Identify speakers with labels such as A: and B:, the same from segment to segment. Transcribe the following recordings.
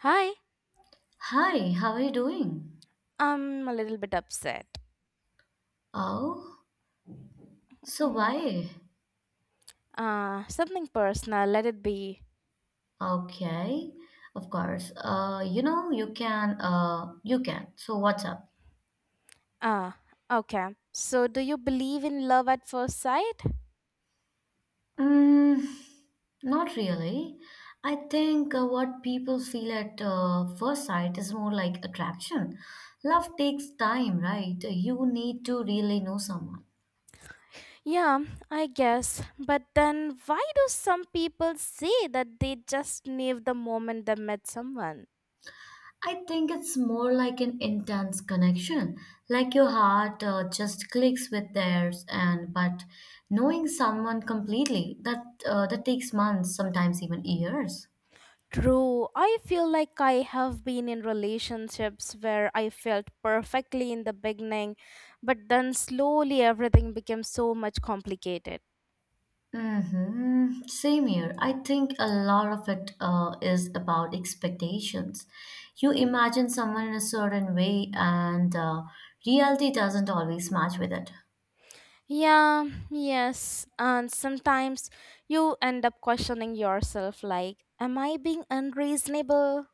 A: Hi,
B: Hi, how are you doing?
A: I'm a little bit upset.
B: Oh, so
A: Mm.
B: why?
A: Something personal, let it be.
B: Okay, of course. You can, you can. So what's up?
A: Ah, okay. So, do you believe in love at first sight?
B: Mm, not really. I think what people feel at first sight is more like attraction. Love takes time, right? You need to really know someone.
A: Yeah, I guess. But then, why do some people say that they just knew the moment they met someone?
B: I think it's more like an intense connection, like your heart just clicks with theirs, and but knowing someone completely that takes months, sometimes even years.
A: True, I feel like I have been in relationships where I felt perfectly in the beginning, but then slowly everything became so much complicated.
B: Mm-hmm. Same here. I think a lot of it is about expectations. You imagine someone in a certain way, and reality doesn't always match with it.
A: Yeah, yes. And sometimes you end up questioning yourself like, am I being unreasonable?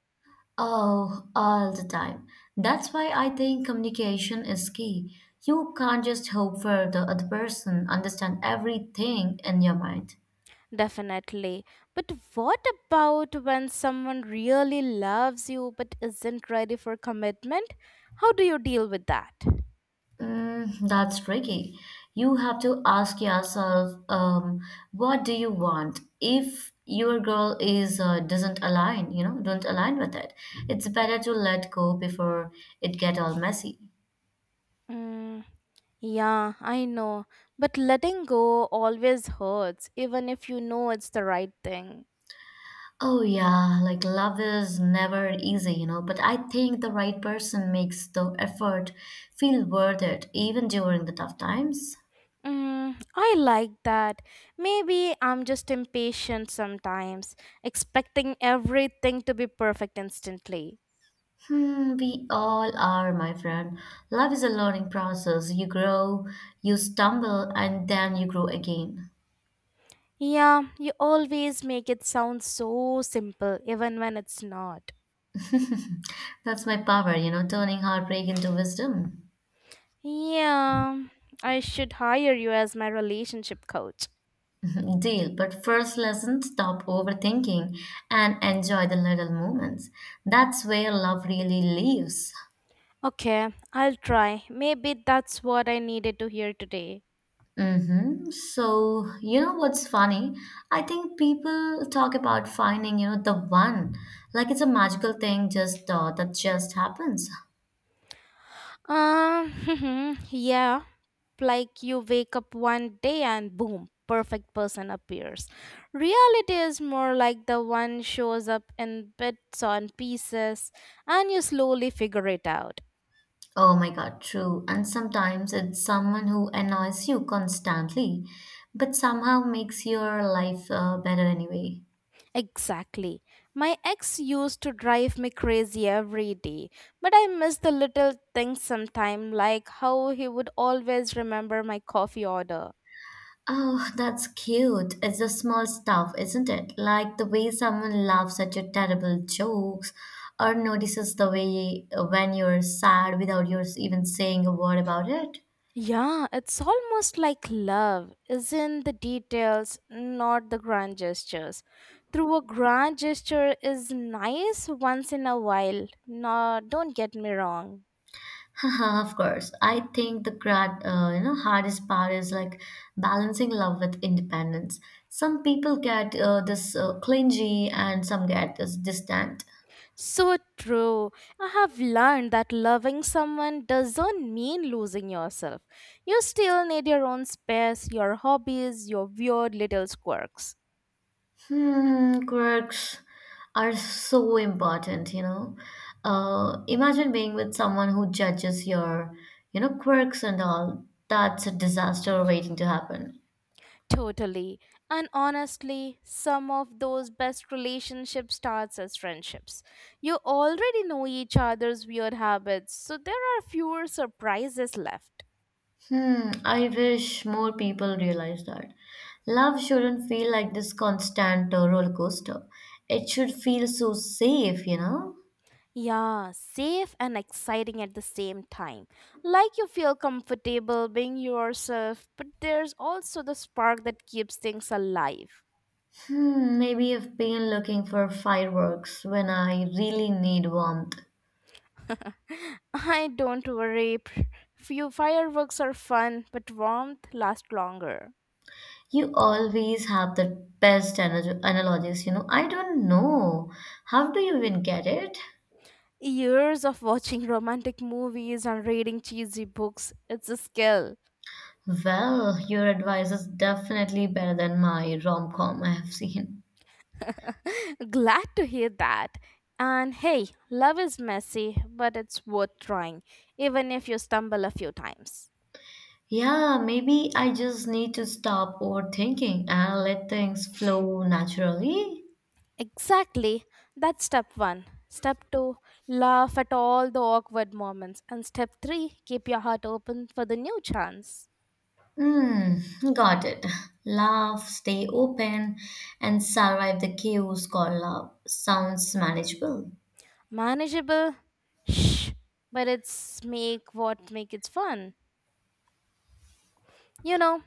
B: Oh, all the time. That's why I think communication is key. You can't just hope for the other person understand everything in your mind.
A: Definitely. But what about when someone really loves you but isn't ready for commitment? How do you deal with that?
B: That's tricky. You have to ask yourself, what do you want? If your girl is doesn't align, you know, don't align with it. It's better to let go before it get all messy.
A: Mm, yeah, I know. But letting go always hurts, even if you know it's the right thing.
B: Oh yeah, like love is never easy, you know, but I think the right person makes the effort feel worth it even during the tough times.
A: Mm, I like that. Maybe I'm just impatient sometimes, expecting everything to be perfect instantly.
B: We all are, my friend. Love is a learning process. You grow, you stumble, and then you grow again.
A: Yeah, you always make it sound so simple, even when it's not.
B: That's my power, you know, turning heartbreak into wisdom.
A: Yeah, I should hire you as my relationship coach.
B: Deal. But first lesson, stop overthinking and enjoy the little moments. That's where love really lives.
A: Okay, I'll try. Maybe that's what I needed to hear today.
B: Mm-hmm. So, you know what's funny? I think people talk about finding, you know, the one, like it's a magical thing just that just happens.
A: Yeah. Like you wake up one day and boom, perfect person appears. Reality is more like the one shows up in bits and pieces and you slowly figure it out.
B: Oh my God, true. And sometimes it's someone who annoys you constantly, but somehow makes your life better anyway.
A: Exactly. My ex used to drive me crazy every day, but I miss the little things sometime, like how he would always remember my coffee order.
B: Oh, that's cute. It's the small stuff, isn't it? Like the way someone laughs at your terrible jokes or notices the way when you're sad without you even saying a word about it.
A: Yeah, it's almost like love is in the details, not the grand gestures. Through a grand gesture is nice once in a while. No, don't get me wrong.
B: Haha, of course. I think the you know, hardest part is like balancing love with independence. Some people get this clingy and some get this distant.
A: So true. I have learned that loving someone doesn't mean losing yourself. You still need your own space, your hobbies, your weird little quirks.
B: Quirks are so important, you know. Imagine being with someone who judges your, you know, quirks and all. That's a disaster waiting to happen.
A: Totally. And honestly, some of those best relationships starts as friendships. You already know each other's weird habits, so there are fewer surprises left.
B: I wish more people realize that. Love shouldn't feel like this constant roller coaster. It should feel so safe, you know.
A: Yeah, safe and exciting at the same time. Like you feel comfortable being yourself, but there's also the spark that keeps things alive.
B: Maybe I've been looking for fireworks when I really need warmth.
A: I don't worry. Few fireworks are fun, but warmth lasts longer.
B: You always have the best analogies, you know. I don't know. How do you even get it?
A: Years of watching romantic movies and reading cheesy books, it's a skill.
B: Well, your advice is definitely better than my rom-com I have seen.
A: Glad to hear that. And hey, love is messy, but it's worth trying, even if you stumble a few times.
B: Yeah, maybe I just need to stop overthinking and let things flow naturally.
A: Exactly. That's step one. Step two, laugh at all the awkward moments. And step three, keep your heart open for the new chance.
B: Hmm, got it. Laugh, stay open, and survive the chaos called love. Sounds manageable.
A: Manageable, shh, but it's make what make it fun. You know,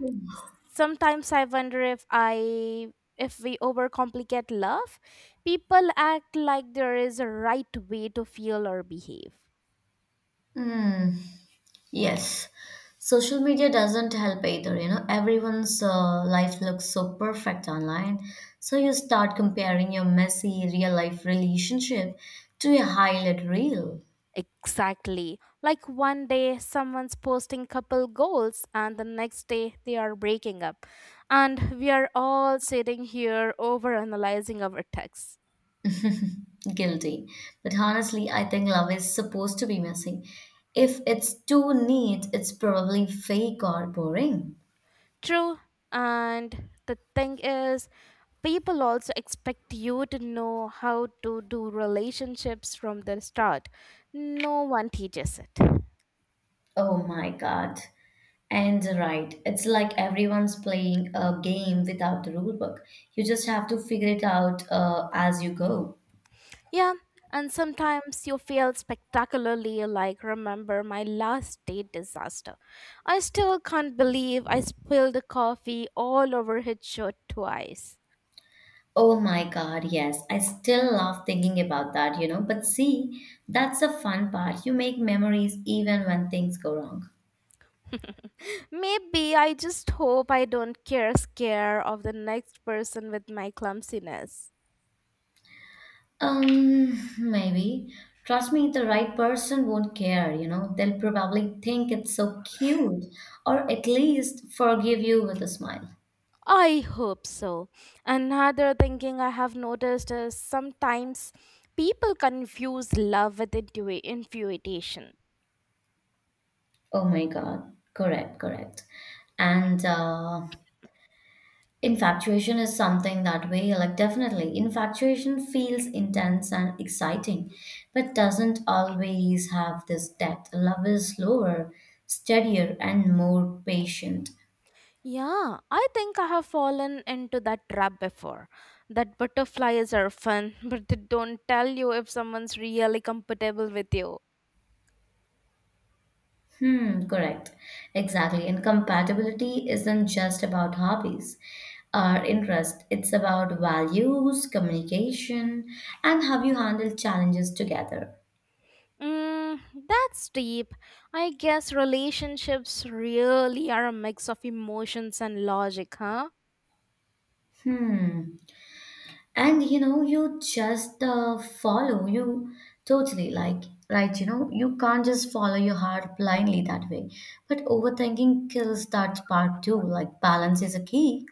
A: sometimes I wonder if we overcomplicate love. People act like there is a right way to feel or behave,
B: Hmm. Yes, social media doesn't help either. You know, everyone's life looks so perfect online. So you start comparing your messy real life relationship to a highlight reel.
A: exactly like one day someone's posting couple goals and the next day they are breaking up, and we are all sitting here overanalyzing our texts.
B: Guilty. But honestly, I think love is supposed to be messy. If it's too neat, it's probably fake or boring.
A: True. And the thing is, people also expect you to know how to do relationships from the start. No one teaches it.
B: Oh my god. And right, it's like everyone's playing a game without the rule book. You just have to figure it out as you go.
A: Yeah, and sometimes you fail spectacularly, like remember my last date disaster. I still can't believe I spilled coffee all over his shirt twice.
B: Oh my God, yes. I still love thinking about that, you know. But see, that's the fun part. You make memories even when things go wrong.
A: Maybe I just hope I don't care scare of the next person with my clumsiness.
B: Um, maybe. Trust me, the right person won't care, you know. They'll probably think it's so cute or at least forgive you with a smile.
A: I hope so. Another thinking I have noticed is sometimes people confuse love with infatuation.
B: Oh my God. Correct, correct. And infatuation is something that way, like definitely. Infatuation feels intense and exciting, but doesn't always have this depth. Love is slower, steadier, and more patient.
A: Yeah, I think I have fallen into that trap before. That butterflies are fun, but they don't tell you if someone's really compatible with you.
B: Correct. Exactly. And compatibility isn't just about hobbies or interest, it's about values, communication, and how you handle challenges together.
A: Mm, that's deep. I guess relationships really are a mix of emotions and logic, huh?
B: Hmm. And you know you just follow you totally like right, you know, you can't just follow your heart blindly that way, but overthinking kills that part too, like balance is a key.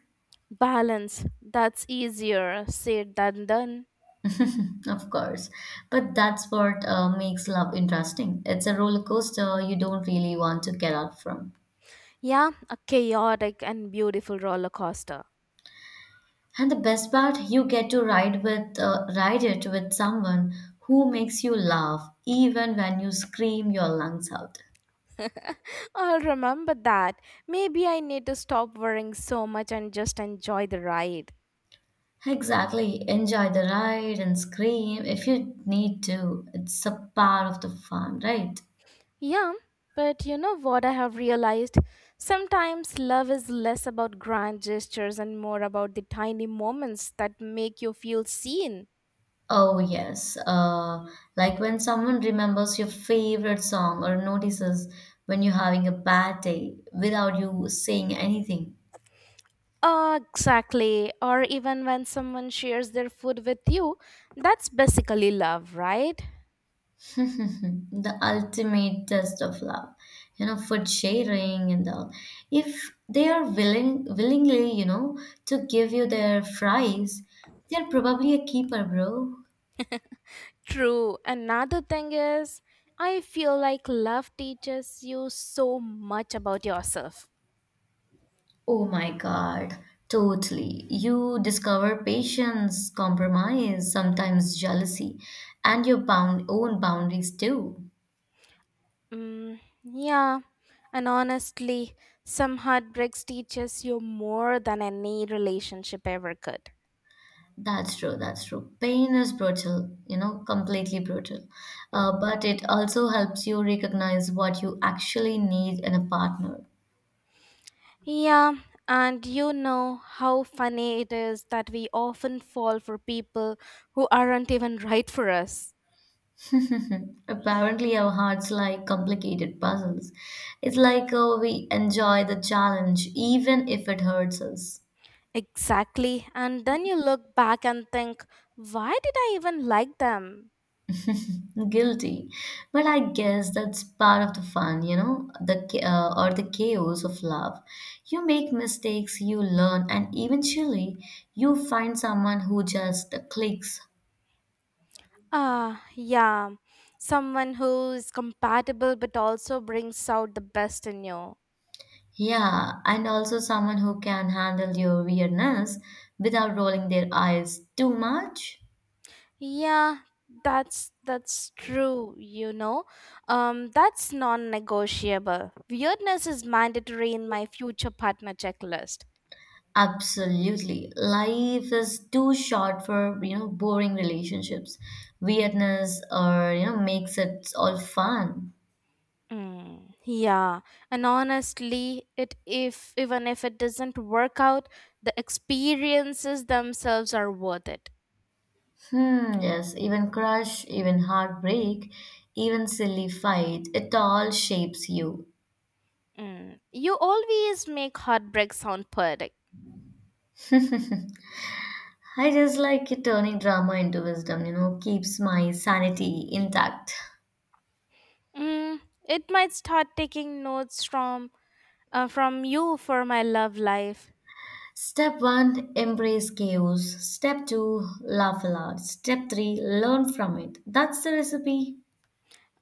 A: Balance. That's easier said than done.
B: Of course, but that's what makes love interesting. It's a roller coaster you don't really want to get out from.
A: Yeah, a chaotic and beautiful roller coaster.
B: And the best part, you get to ride it with someone who makes you laugh even when you scream your lungs out.
A: I'll remember that. Maybe I need to stop worrying so much and just enjoy the ride.
B: Exactly. Enjoy the ride and scream if you need to. It's a part of the fun, right?
A: Yeah, but you know what I have realized? Sometimes love is less about grand gestures and more about the tiny moments that make you feel seen.
B: Oh, yes. Like when someone remembers your favorite song or notices when you're having a bad day without you saying anything.
A: Oh, exactly. Or even when someone shares their food with you, that's basically love, right?
B: The ultimate test of love. You know, food sharing and all. If they are willingly, you know, to give you their fries, they're probably a keeper, bro.
A: True. Another thing is, I feel like love teaches you so much about yourself.
B: Oh my God, totally. You discover patience, compromise, sometimes jealousy, and your bound own boundaries too.
A: Mm, yeah. And honestly, some heartbreaks teaches you more than any relationship ever could.
B: That's true, that's true. Pain is brutal, you know, completely brutal. But it also helps you recognize what you actually need in a partner.
A: Yeah. And you know how funny it is that we often fall for people who aren't even right for us.
B: Apparently, our hearts like complicated puzzles. It's like we enjoy the challenge, even if it hurts us.
A: Exactly. And then you look back and think, why did I even like them?
B: Guilty. But I guess that's part of the fun, you know, the cha- or the chaos of love. You make mistakes, you learn, and eventually you find someone who just clicks.
A: Ah, yeah. Someone who's compatible but also brings out the best in you.
B: Yeah, and also someone who can handle your weirdness without rolling their eyes too much.
A: Yeah, that's true, you know. That's non-negotiable. Weirdness is mandatory in my future partner checklist.
B: Absolutely. Life is too short for, you know, boring relationships. Weirdness or, you know, makes it all fun.
A: Mm, yeah, and honestly, it if even if it doesn't work out, the experiences themselves are worth it.
B: Yes, even crush, even heartbreak, even silly fight, it all shapes you.
A: Mm. You always make heartbreak sound poetic.
B: I just like it turning drama into wisdom, you know, keeps my sanity intact.
A: Mm, it might start taking notes from you for my love life.
B: Step one, embrace chaos. Step two, laugh a lot. Step three, learn from it. That's the recipe.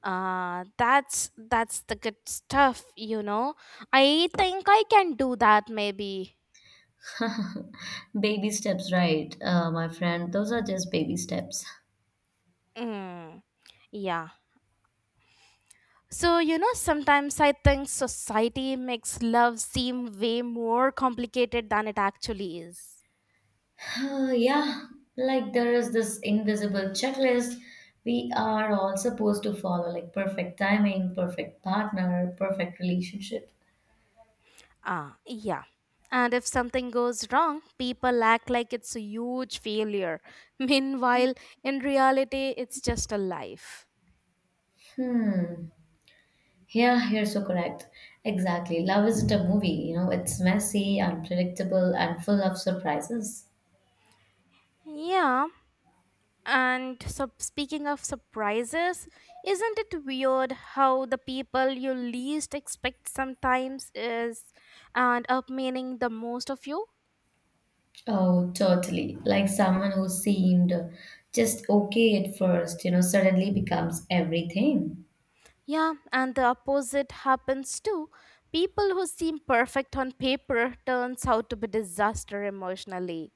A: That's the good stuff, you know. I think I can do that maybe.
B: Baby steps, right, my friend? Those are just baby steps.
A: Mm, yeah. So you know, sometimes I think society makes love seem way more complicated than it actually is.
B: Yeah, like there is this invisible checklist we are all supposed to follow, like perfect timing, perfect partner, perfect relationship.
A: Ah, yeah. And if something goes wrong, people act like it's a huge failure. Meanwhile, in reality, it's just a life.
B: Hmm. Yeah, you're so correct. Exactly. Love isn't a movie, you know, it's messy, unpredictable, and full of surprises.
A: Yeah. And so, speaking of surprises, isn't it weird how the people you least expect sometimes is and up meaning the most of you?
B: Oh, totally. Like someone who seemed just okay at first, you know, suddenly becomes everything.
A: Yeah, and the opposite happens too. People who seem perfect on paper turns out to be disaster emotionally.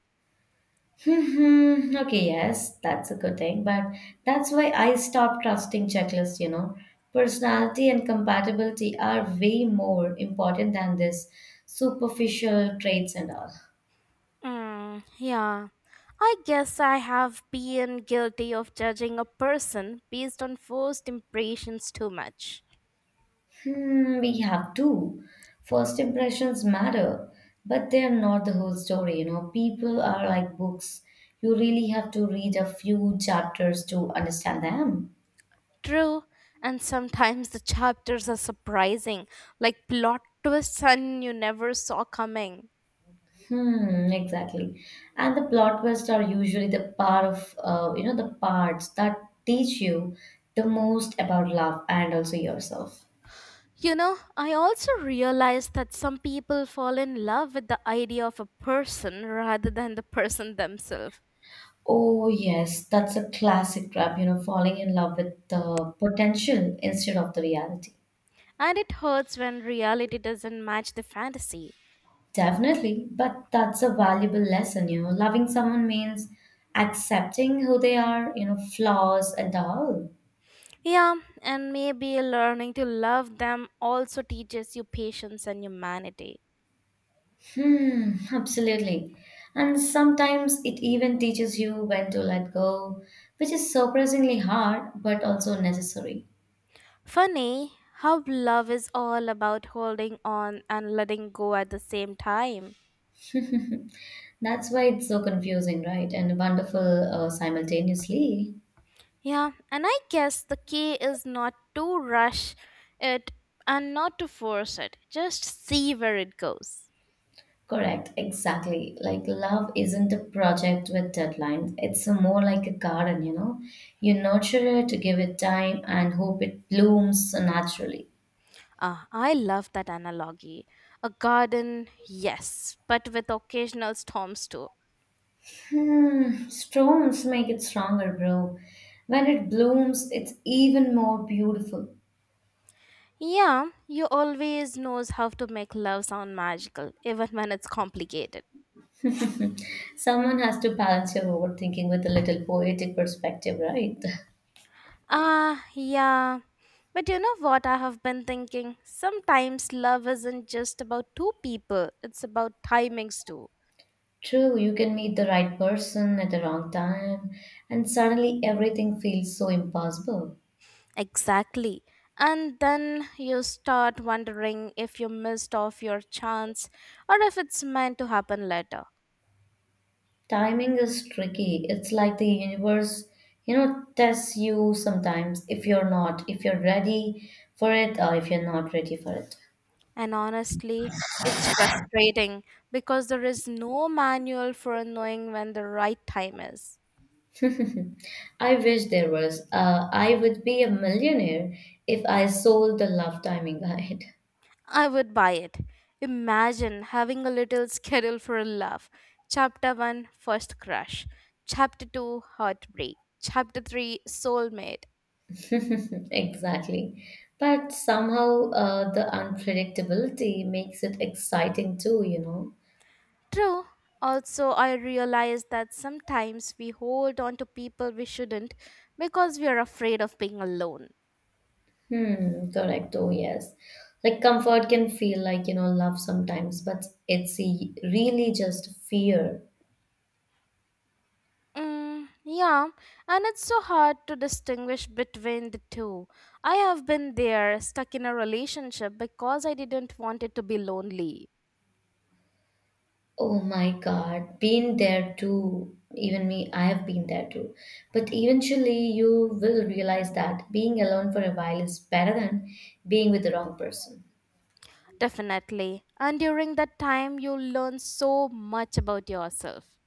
B: Hmm. Okay, yes, that's a good thing, but that's why I stopped trusting checklists, you know. Personality and compatibility are way more important than this superficial traits and all.
A: Mm, yeah. I guess I have been guilty of judging a person based on first impressions too much.
B: We have to. First impressions matter, but they're not the whole story, you know. People are like books. You really have to read a few chapters to understand them.
A: True, and sometimes the chapters are surprising, like plot twists and you never saw coming.
B: Exactly. And the plot twists are usually the you know, the parts that teach you the most about love and also yourself.
A: You know, I also realized that some people fall in love with the idea of a person rather than the person themselves.
B: Oh, yes, that's a classic trap, you know, falling in love with the potential instead of the reality.
A: And it hurts when reality doesn't match the fantasy.
B: Definitely, but that's a valuable lesson, you know. Loving someone means accepting who they are, you know, flaws and all.
A: Yeah, and maybe learning to love them also teaches you patience and humanity.
B: Absolutely. And sometimes it even teaches you when to let go, which is surprisingly hard but also necessary.
A: Funny how love is all about holding on and letting go at the same time.
B: That's why it's so confusing, right? And wonderful simultaneously.
A: Yeah, and I guess the key is not to rush it and not to force it, just see where it goes.
B: Correct, exactly. Like love isn't a project with deadlines. It's a more like a garden, you know. You nurture it, give it time, and hope it blooms naturally.
A: Ah, I love that analogy. A garden, yes, but with occasional storms too.
B: Storms make it stronger, bro. When it blooms, it's even more beautiful.
A: Yeah, you always knows how to make love sound magical, even when it's complicated.
B: Someone has to balance your overthinking with a little poetic perspective, right?
A: Ah, yeah. But you know what I have been thinking? Sometimes love isn't just about two people, it's about timings too.
B: True, you can meet the right person at the wrong time, and suddenly everything feels so impossible.
A: Exactly. And then you start wondering if you missed off your chance or if it's meant to happen later.
B: Timing is tricky. It's like the universe, you know, tests you sometimes if you're ready for it, or if you're not ready for it.
A: And honestly, it's frustrating because there is no manual for knowing when the right time is.
B: I wish there was. I would be a millionaire if I sold the love timing guide.
A: I would buy it. Imagine having a little schedule for a love. Chapter one: first crush. Chapter 2 heartbreak. Chapter 3 soulmate.
B: Exactly. But somehow the unpredictability makes it exciting too, you know.
A: True. Also, I realize that sometimes we hold on to people we shouldn't because we are afraid of being alone.
B: Correct. Oh, yes. Like comfort can feel like, you know, love sometimes, but really just fear.
A: Mm, yeah, and it's so hard to distinguish between the two. I have been there, stuck in a relationship because I didn't want it to be lonely.
B: Oh my God, been there too. Even me, I have been there too. But eventually, you will realize that being alone for a while is better than being with the wrong person.
A: Definitely. And during that time, you learn so much about yourself.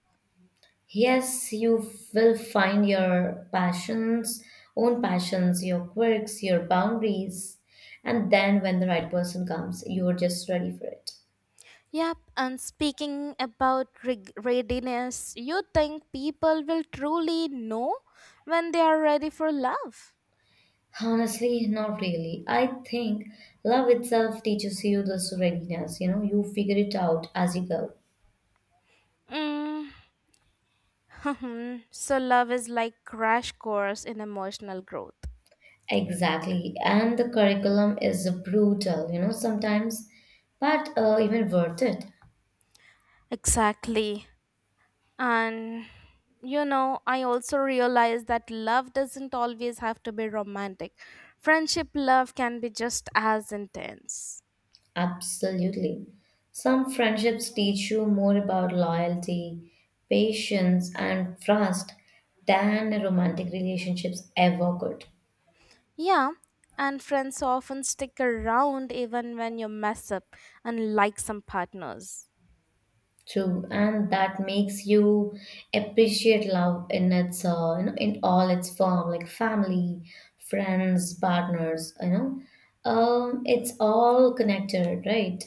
B: Yes, you will find own passions, your quirks, your boundaries, and then when the right person comes, you're just ready for it.
A: Yep, and speaking about readiness, you think people will truly know when they are ready for love?
B: Honestly, not really. I think love itself teaches you this readiness, you know, you figure it out as you go.
A: Mm. So, love is like crash course in emotional growth.
B: Exactly. And the curriculum is brutal, you know, sometimes, but even worth it.
A: Exactly. And you know, I also realize that love doesn't always have to be romantic. Friendship love can be just as intense.
B: Absolutely. Some friendships teach you more about loyalty, patience, and trust than romantic relationships ever could.
A: Yeah, and friends often stick around even when you mess up, unlike some partners.
B: True, and that makes you appreciate love in its, you know, in all its form, like family, friends, partners. You know, it's all connected, right?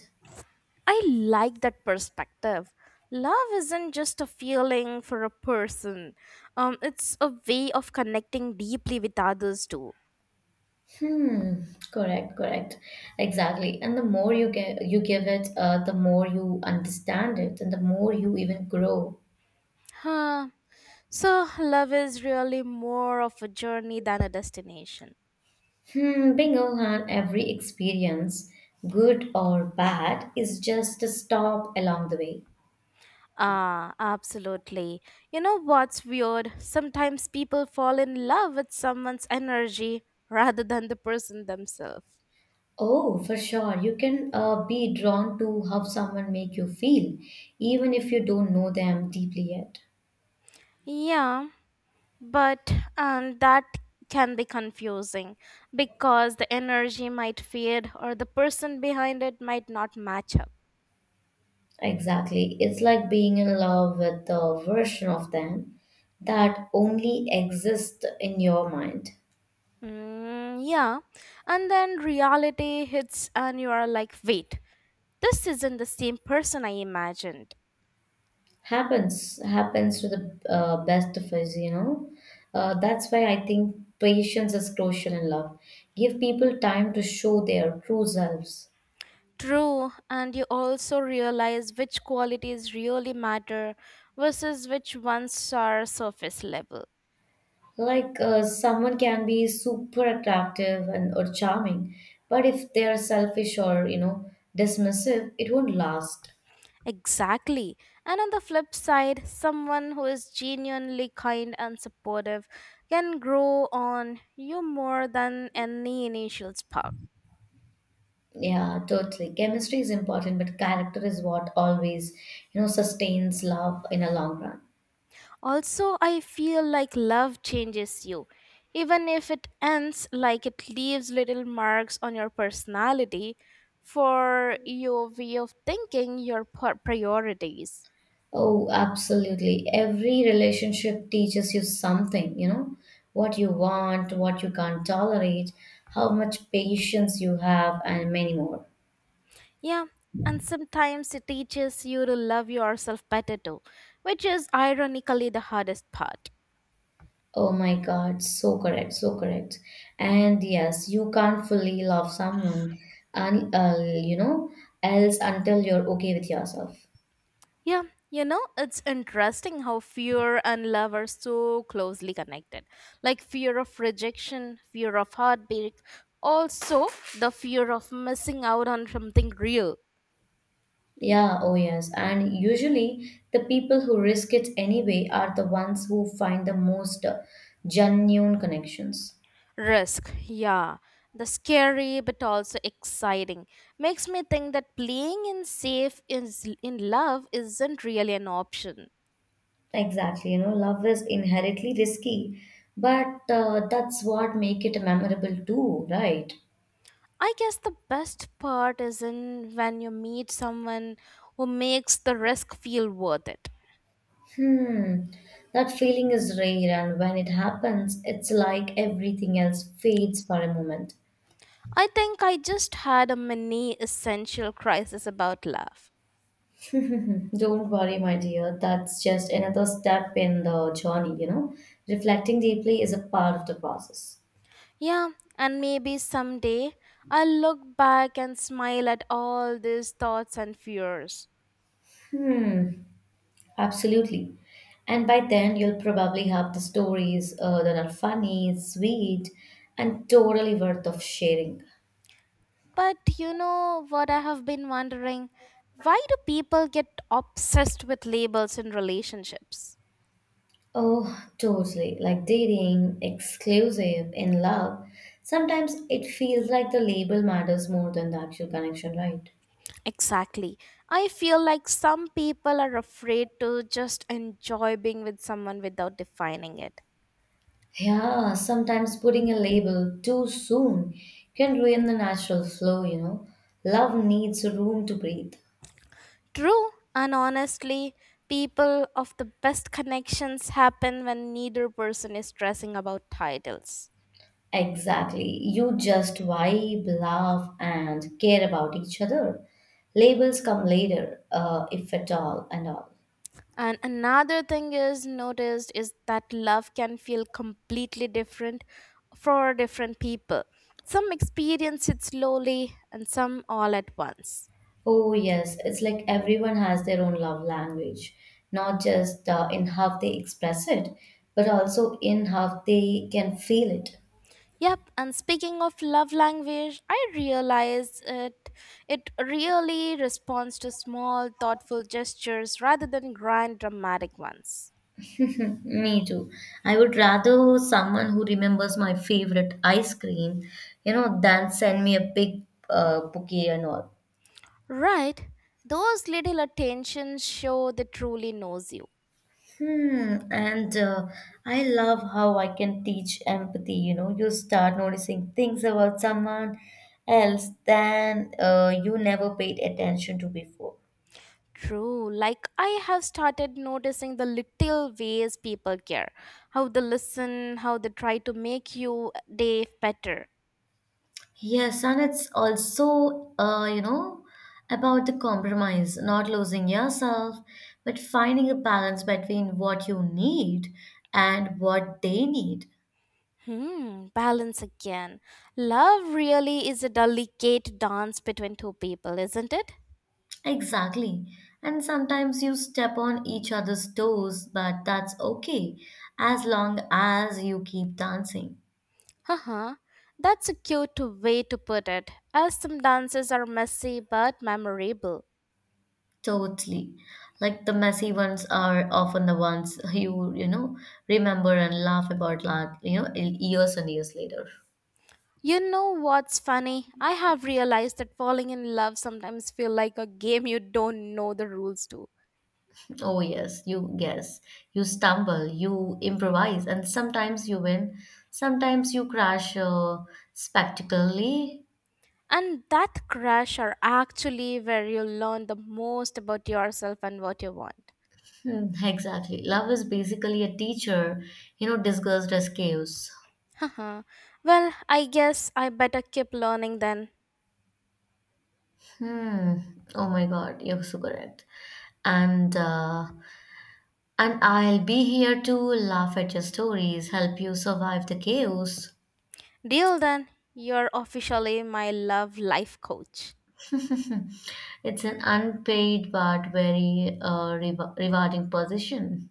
A: I like that perspective. Love isn't just a feeling for a person, it's a way of connecting deeply with others too.
B: Hmm. Correct. Correct. Exactly. And the more you give it, the more you understand it, and the more you even grow.
A: Huh. So, love is really more of a journey than a destination.
B: Hmm. Bingo, Han. Every experience, good or bad, is just a stop along the way.
A: Ah, absolutely. You know what's weird? Sometimes people fall in love with someone's energy rather than the person themselves.
B: Oh, for sure. You can be drawn to how someone make you feel, even if you don't know them deeply yet.
A: Yeah, but that can be confusing because the energy might fade or the person behind it might not match up.
B: Exactly. It's like being in love with the version of them that only exists in your mind.
A: Mm, yeah, and then reality hits and you are like, wait, this isn't the same person I imagined.
B: Happens to the best of us, you know. That's why I think patience is crucial in love. Give people time to show their true selves.
A: True, and you also realize which qualities really matter versus which ones are surface level.
B: Like someone can be super attractive and or charming, but if they are selfish or you know dismissive, it won't last.
A: Exactly. And on the flip side, someone who is genuinely kind and supportive can grow on you more than any initial spark.
B: Yeah, totally. Chemistry is important, but character is what always, you know, sustains love in a long run.
A: Also, I feel like love changes you. Even if it ends, like it leaves little marks on your personality, for your way of thinking, your priorities.
B: Oh, absolutely. Every relationship teaches you something, you know, what you want, what you can't tolerate, how much patience you have, and many more.
A: Yeah, and sometimes it teaches you to love yourself better too, which is ironically the hardest part.
B: Oh my God, so correct, so correct. And yes, you can't fully love someone and you know else until you're okay with yourself.
A: Yeah, you know, it's interesting how fear and love are so closely connected. Like fear of rejection, fear of heartbreak, also the fear of missing out on something real.
B: Yeah, oh yes. And usually the people who risk it anyway are the ones who find the most genuine connections.
A: Risk, yeah. The scary but also exciting makes me think that playing in safe is in love isn't really an option.
B: Exactly. You know, love is inherently risky, but that's what make it memorable too, right?
A: I guess the best part is in when you meet someone who makes the risk feel worth it.
B: Hmm. That feeling is rare, and when it happens, it's like everything else fades for a moment.
A: I think I just had a mini essential crisis about love.
B: Mhm. Don't worry, my dear. That's just another step in the journey, you know. Reflecting deeply is a part of the process.
A: Yeah, and maybe someday I'll look back and smile at all these thoughts and fears.
B: Hmm, absolutely. And by then, you'll probably have the stories that are funny, sweet, and totally worth of sharing.
A: But you know what I have been wondering? Why do people get obsessed with labels in relationships?
B: Oh, totally. Like dating, exclusive, in love. Sometimes it feels like the label matters more than the actual connection, right?
A: Exactly. I feel like some people are afraid to just enjoy being with someone without defining it.
B: Yeah, sometimes putting a label too soon can ruin the natural flow, you know. Love needs room to breathe.
A: True, and honestly, people of the best connections happen when neither person is stressing about titles.
B: Exactly. You just vibe, laugh, and care about each other. Labels come later, if at all, and all.
A: And another thing is noticed is that love can feel completely different for different people. Some experience it slowly and some all at once.
B: Oh, yes. It's like everyone has their own love language, not just in how they express it, but also in how they can feel it.
A: Yep, and speaking of love language, I realized it really responds to small thoughtful gestures rather than grand dramatic ones.
B: Me too. I would rather someone who remembers my favorite ice cream, you know, than send me a big bouquet and all.
A: Right? Those little attentions show they truly knows you.
B: Hmm, and I love how I can teach empathy. You know, you start noticing things about someone else than you never paid attention to before.
A: True. Like I have started noticing the little ways people care. How they listen, how they try to make you day better.
B: Yes, and it's also, you know, about the compromise, not losing yourself, but finding a balance between what you need and what they need.
A: Hmm, balance again. Love really is a delicate dance between two people, isn't it?
B: Exactly. And sometimes you step on each other's toes, but that's okay as long as you keep dancing.
A: Haha. That's a cute way to put it. As some dances are messy but memorable.
B: Totally. Like the messy ones are often the ones you, you know, remember and laugh about, you know, years and years later.
A: You know what's funny? I have realized that falling in love sometimes feel like a game you don't know the rules to.
B: Oh, yes, you guess, you stumble, you improvise, and sometimes you win, sometimes you crash spectacularly.
A: And that crash are actually where you learn the most about yourself and what you want.
B: Hmm, exactly. Love is basically a teacher, you know, disguised as chaos.
A: Haha. Well, I guess I better keep learning then.
B: Hmm. Oh my God, you're so correct. And uh, and I'll be here to laugh at your stories, help you survive the chaos.
A: Deal then, you're officially my love life coach.
B: It's an unpaid but very rewarding position.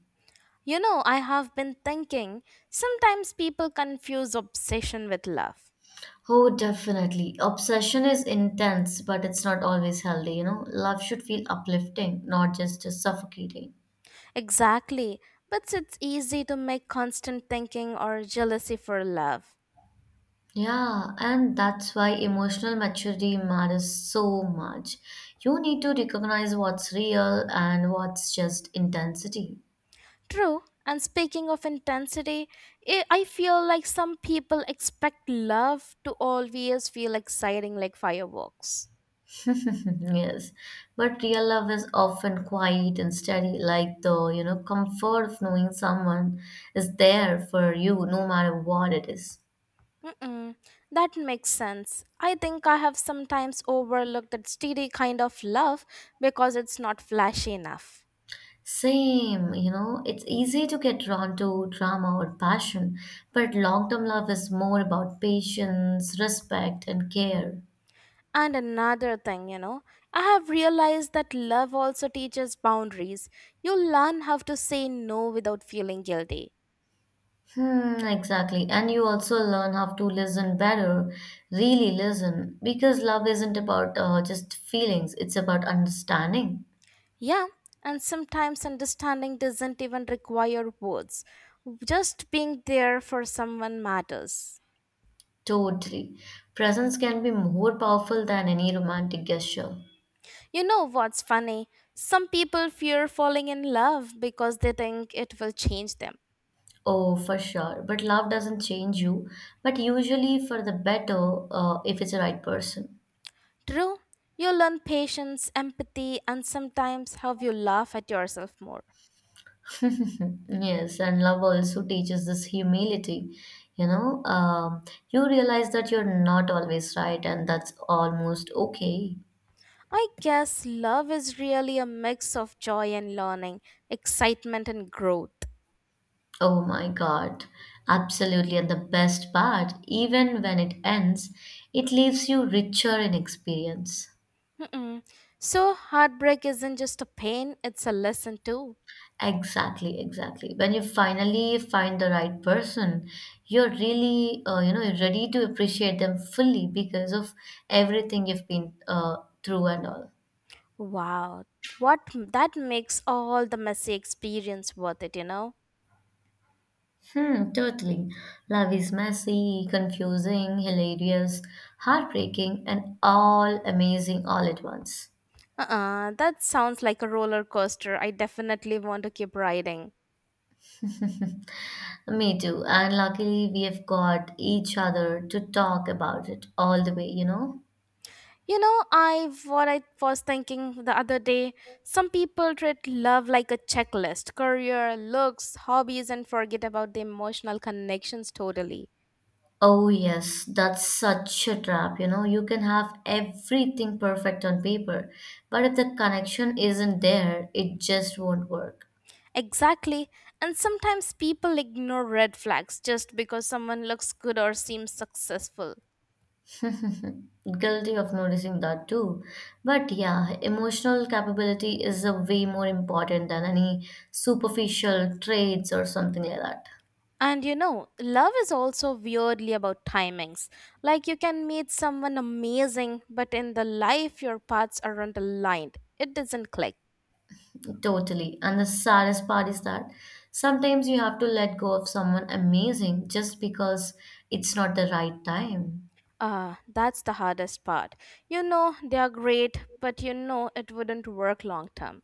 A: You know, I have been thinking sometimes people confuse obsession with love.
B: Oh, definitely. Obsession is intense, but it's not always healthy, you know. Love should feel uplifting, not just suffocating.
A: Exactly, but it's easy to make constant thinking or jealousy for love.
B: Yeah, and that's why emotional maturity matters so much. You need to recognize what's real and what's just intensity.
A: True, and speaking of intensity, I feel like some people expect love to always feel exciting like fireworks.
B: Yes, but real love is often quiet and steady, like the, you know, comfort of knowing someone is there for you no matter what it is.
A: Mm-mm, that makes sense. I think I have sometimes overlooked that steady kind of love because it's not flashy enough.
B: Same, you know, it's easy to get drawn to drama or passion, but long-term love is more about patience, respect, and care.
A: And another thing, you know, I have realized that love also teaches boundaries. You learn how to say no without feeling guilty.
B: Hmm, exactly. And you also learn how to listen better, really listen, because love isn't about just feelings, it's about understanding.
A: Yeah, and sometimes understanding doesn't even require words, just being there for someone matters.
B: Totally. Presence can be more powerful than any romantic gesture.
A: You know what's funny? Some people fear falling in love because they think it will change them.
B: Oh, for sure. But love doesn't change you, but usually for the better if it's the right person.
A: True, you learn patience, empathy, and sometimes how you laugh at yourself more.
B: Yes, and love also teaches this humility. You know, you realize that you're not always right, and that's almost okay.
A: I guess love is really a mix of joy and learning, excitement and growth.
B: Oh my God, absolutely. And the best part, even when it ends, it leaves you richer in experience.
A: Mm-mm. So, heartbreak isn't just a pain, it's a lesson too.
B: Exactly, exactly. When you finally find the right person, you're really, you know, ready to appreciate them fully because of everything you've been through and all.
A: Wow, what that makes all the messy experience worth it, you know?
B: Hmm, totally. Love is messy, confusing, hilarious, heartbreaking, and all amazing all at once.
A: Uh-uh, that sounds like a roller coaster. I definitely want to keep riding.
B: Me too. And luckily, we have got each other to talk about it all the way, you know?
A: You know, I what I was thinking the other day, some people treat love like a checklist, career, looks, hobbies and forget about the emotional connections totally.
B: Oh, yes, that's such a trap, you know? You can have everything perfect on paper, but if the connection isn't there, it just won't work.
A: Exactly. And sometimes people ignore red flags just because someone looks good or seems successful.
B: Guilty of noticing that too. But yeah, emotional capability is a way more important than any superficial traits or something like that.
A: And you know, love is also weirdly about timings. Like you can meet someone amazing, but in the life your paths aren't aligned. It doesn't click.
B: Totally. And the saddest part is that sometimes you have to let go of someone amazing just because it's not the right time.
A: Ah, that's the hardest part. You know they are great, but you know it wouldn't work long term.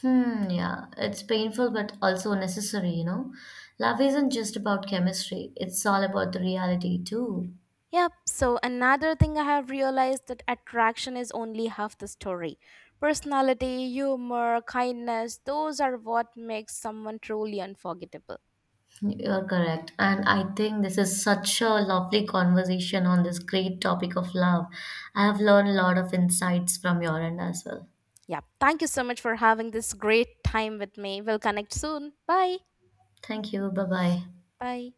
B: Hmm, yeah, it's painful but also necessary, you know. Love isn't just about chemistry, it's all about the reality too.
A: Yep, so another thing I have realized that attraction is only half the story. Personality, humor, kindness, those are what makes someone truly unforgettable.
B: You're correct. And I think this is such a lovely conversation on this great topic of love. I have learned a lot of insights from your end as well.
A: Yep, thank you so much for having this great time with me. We'll connect soon. Bye.
B: Thank you. Bye bye.
A: Bye.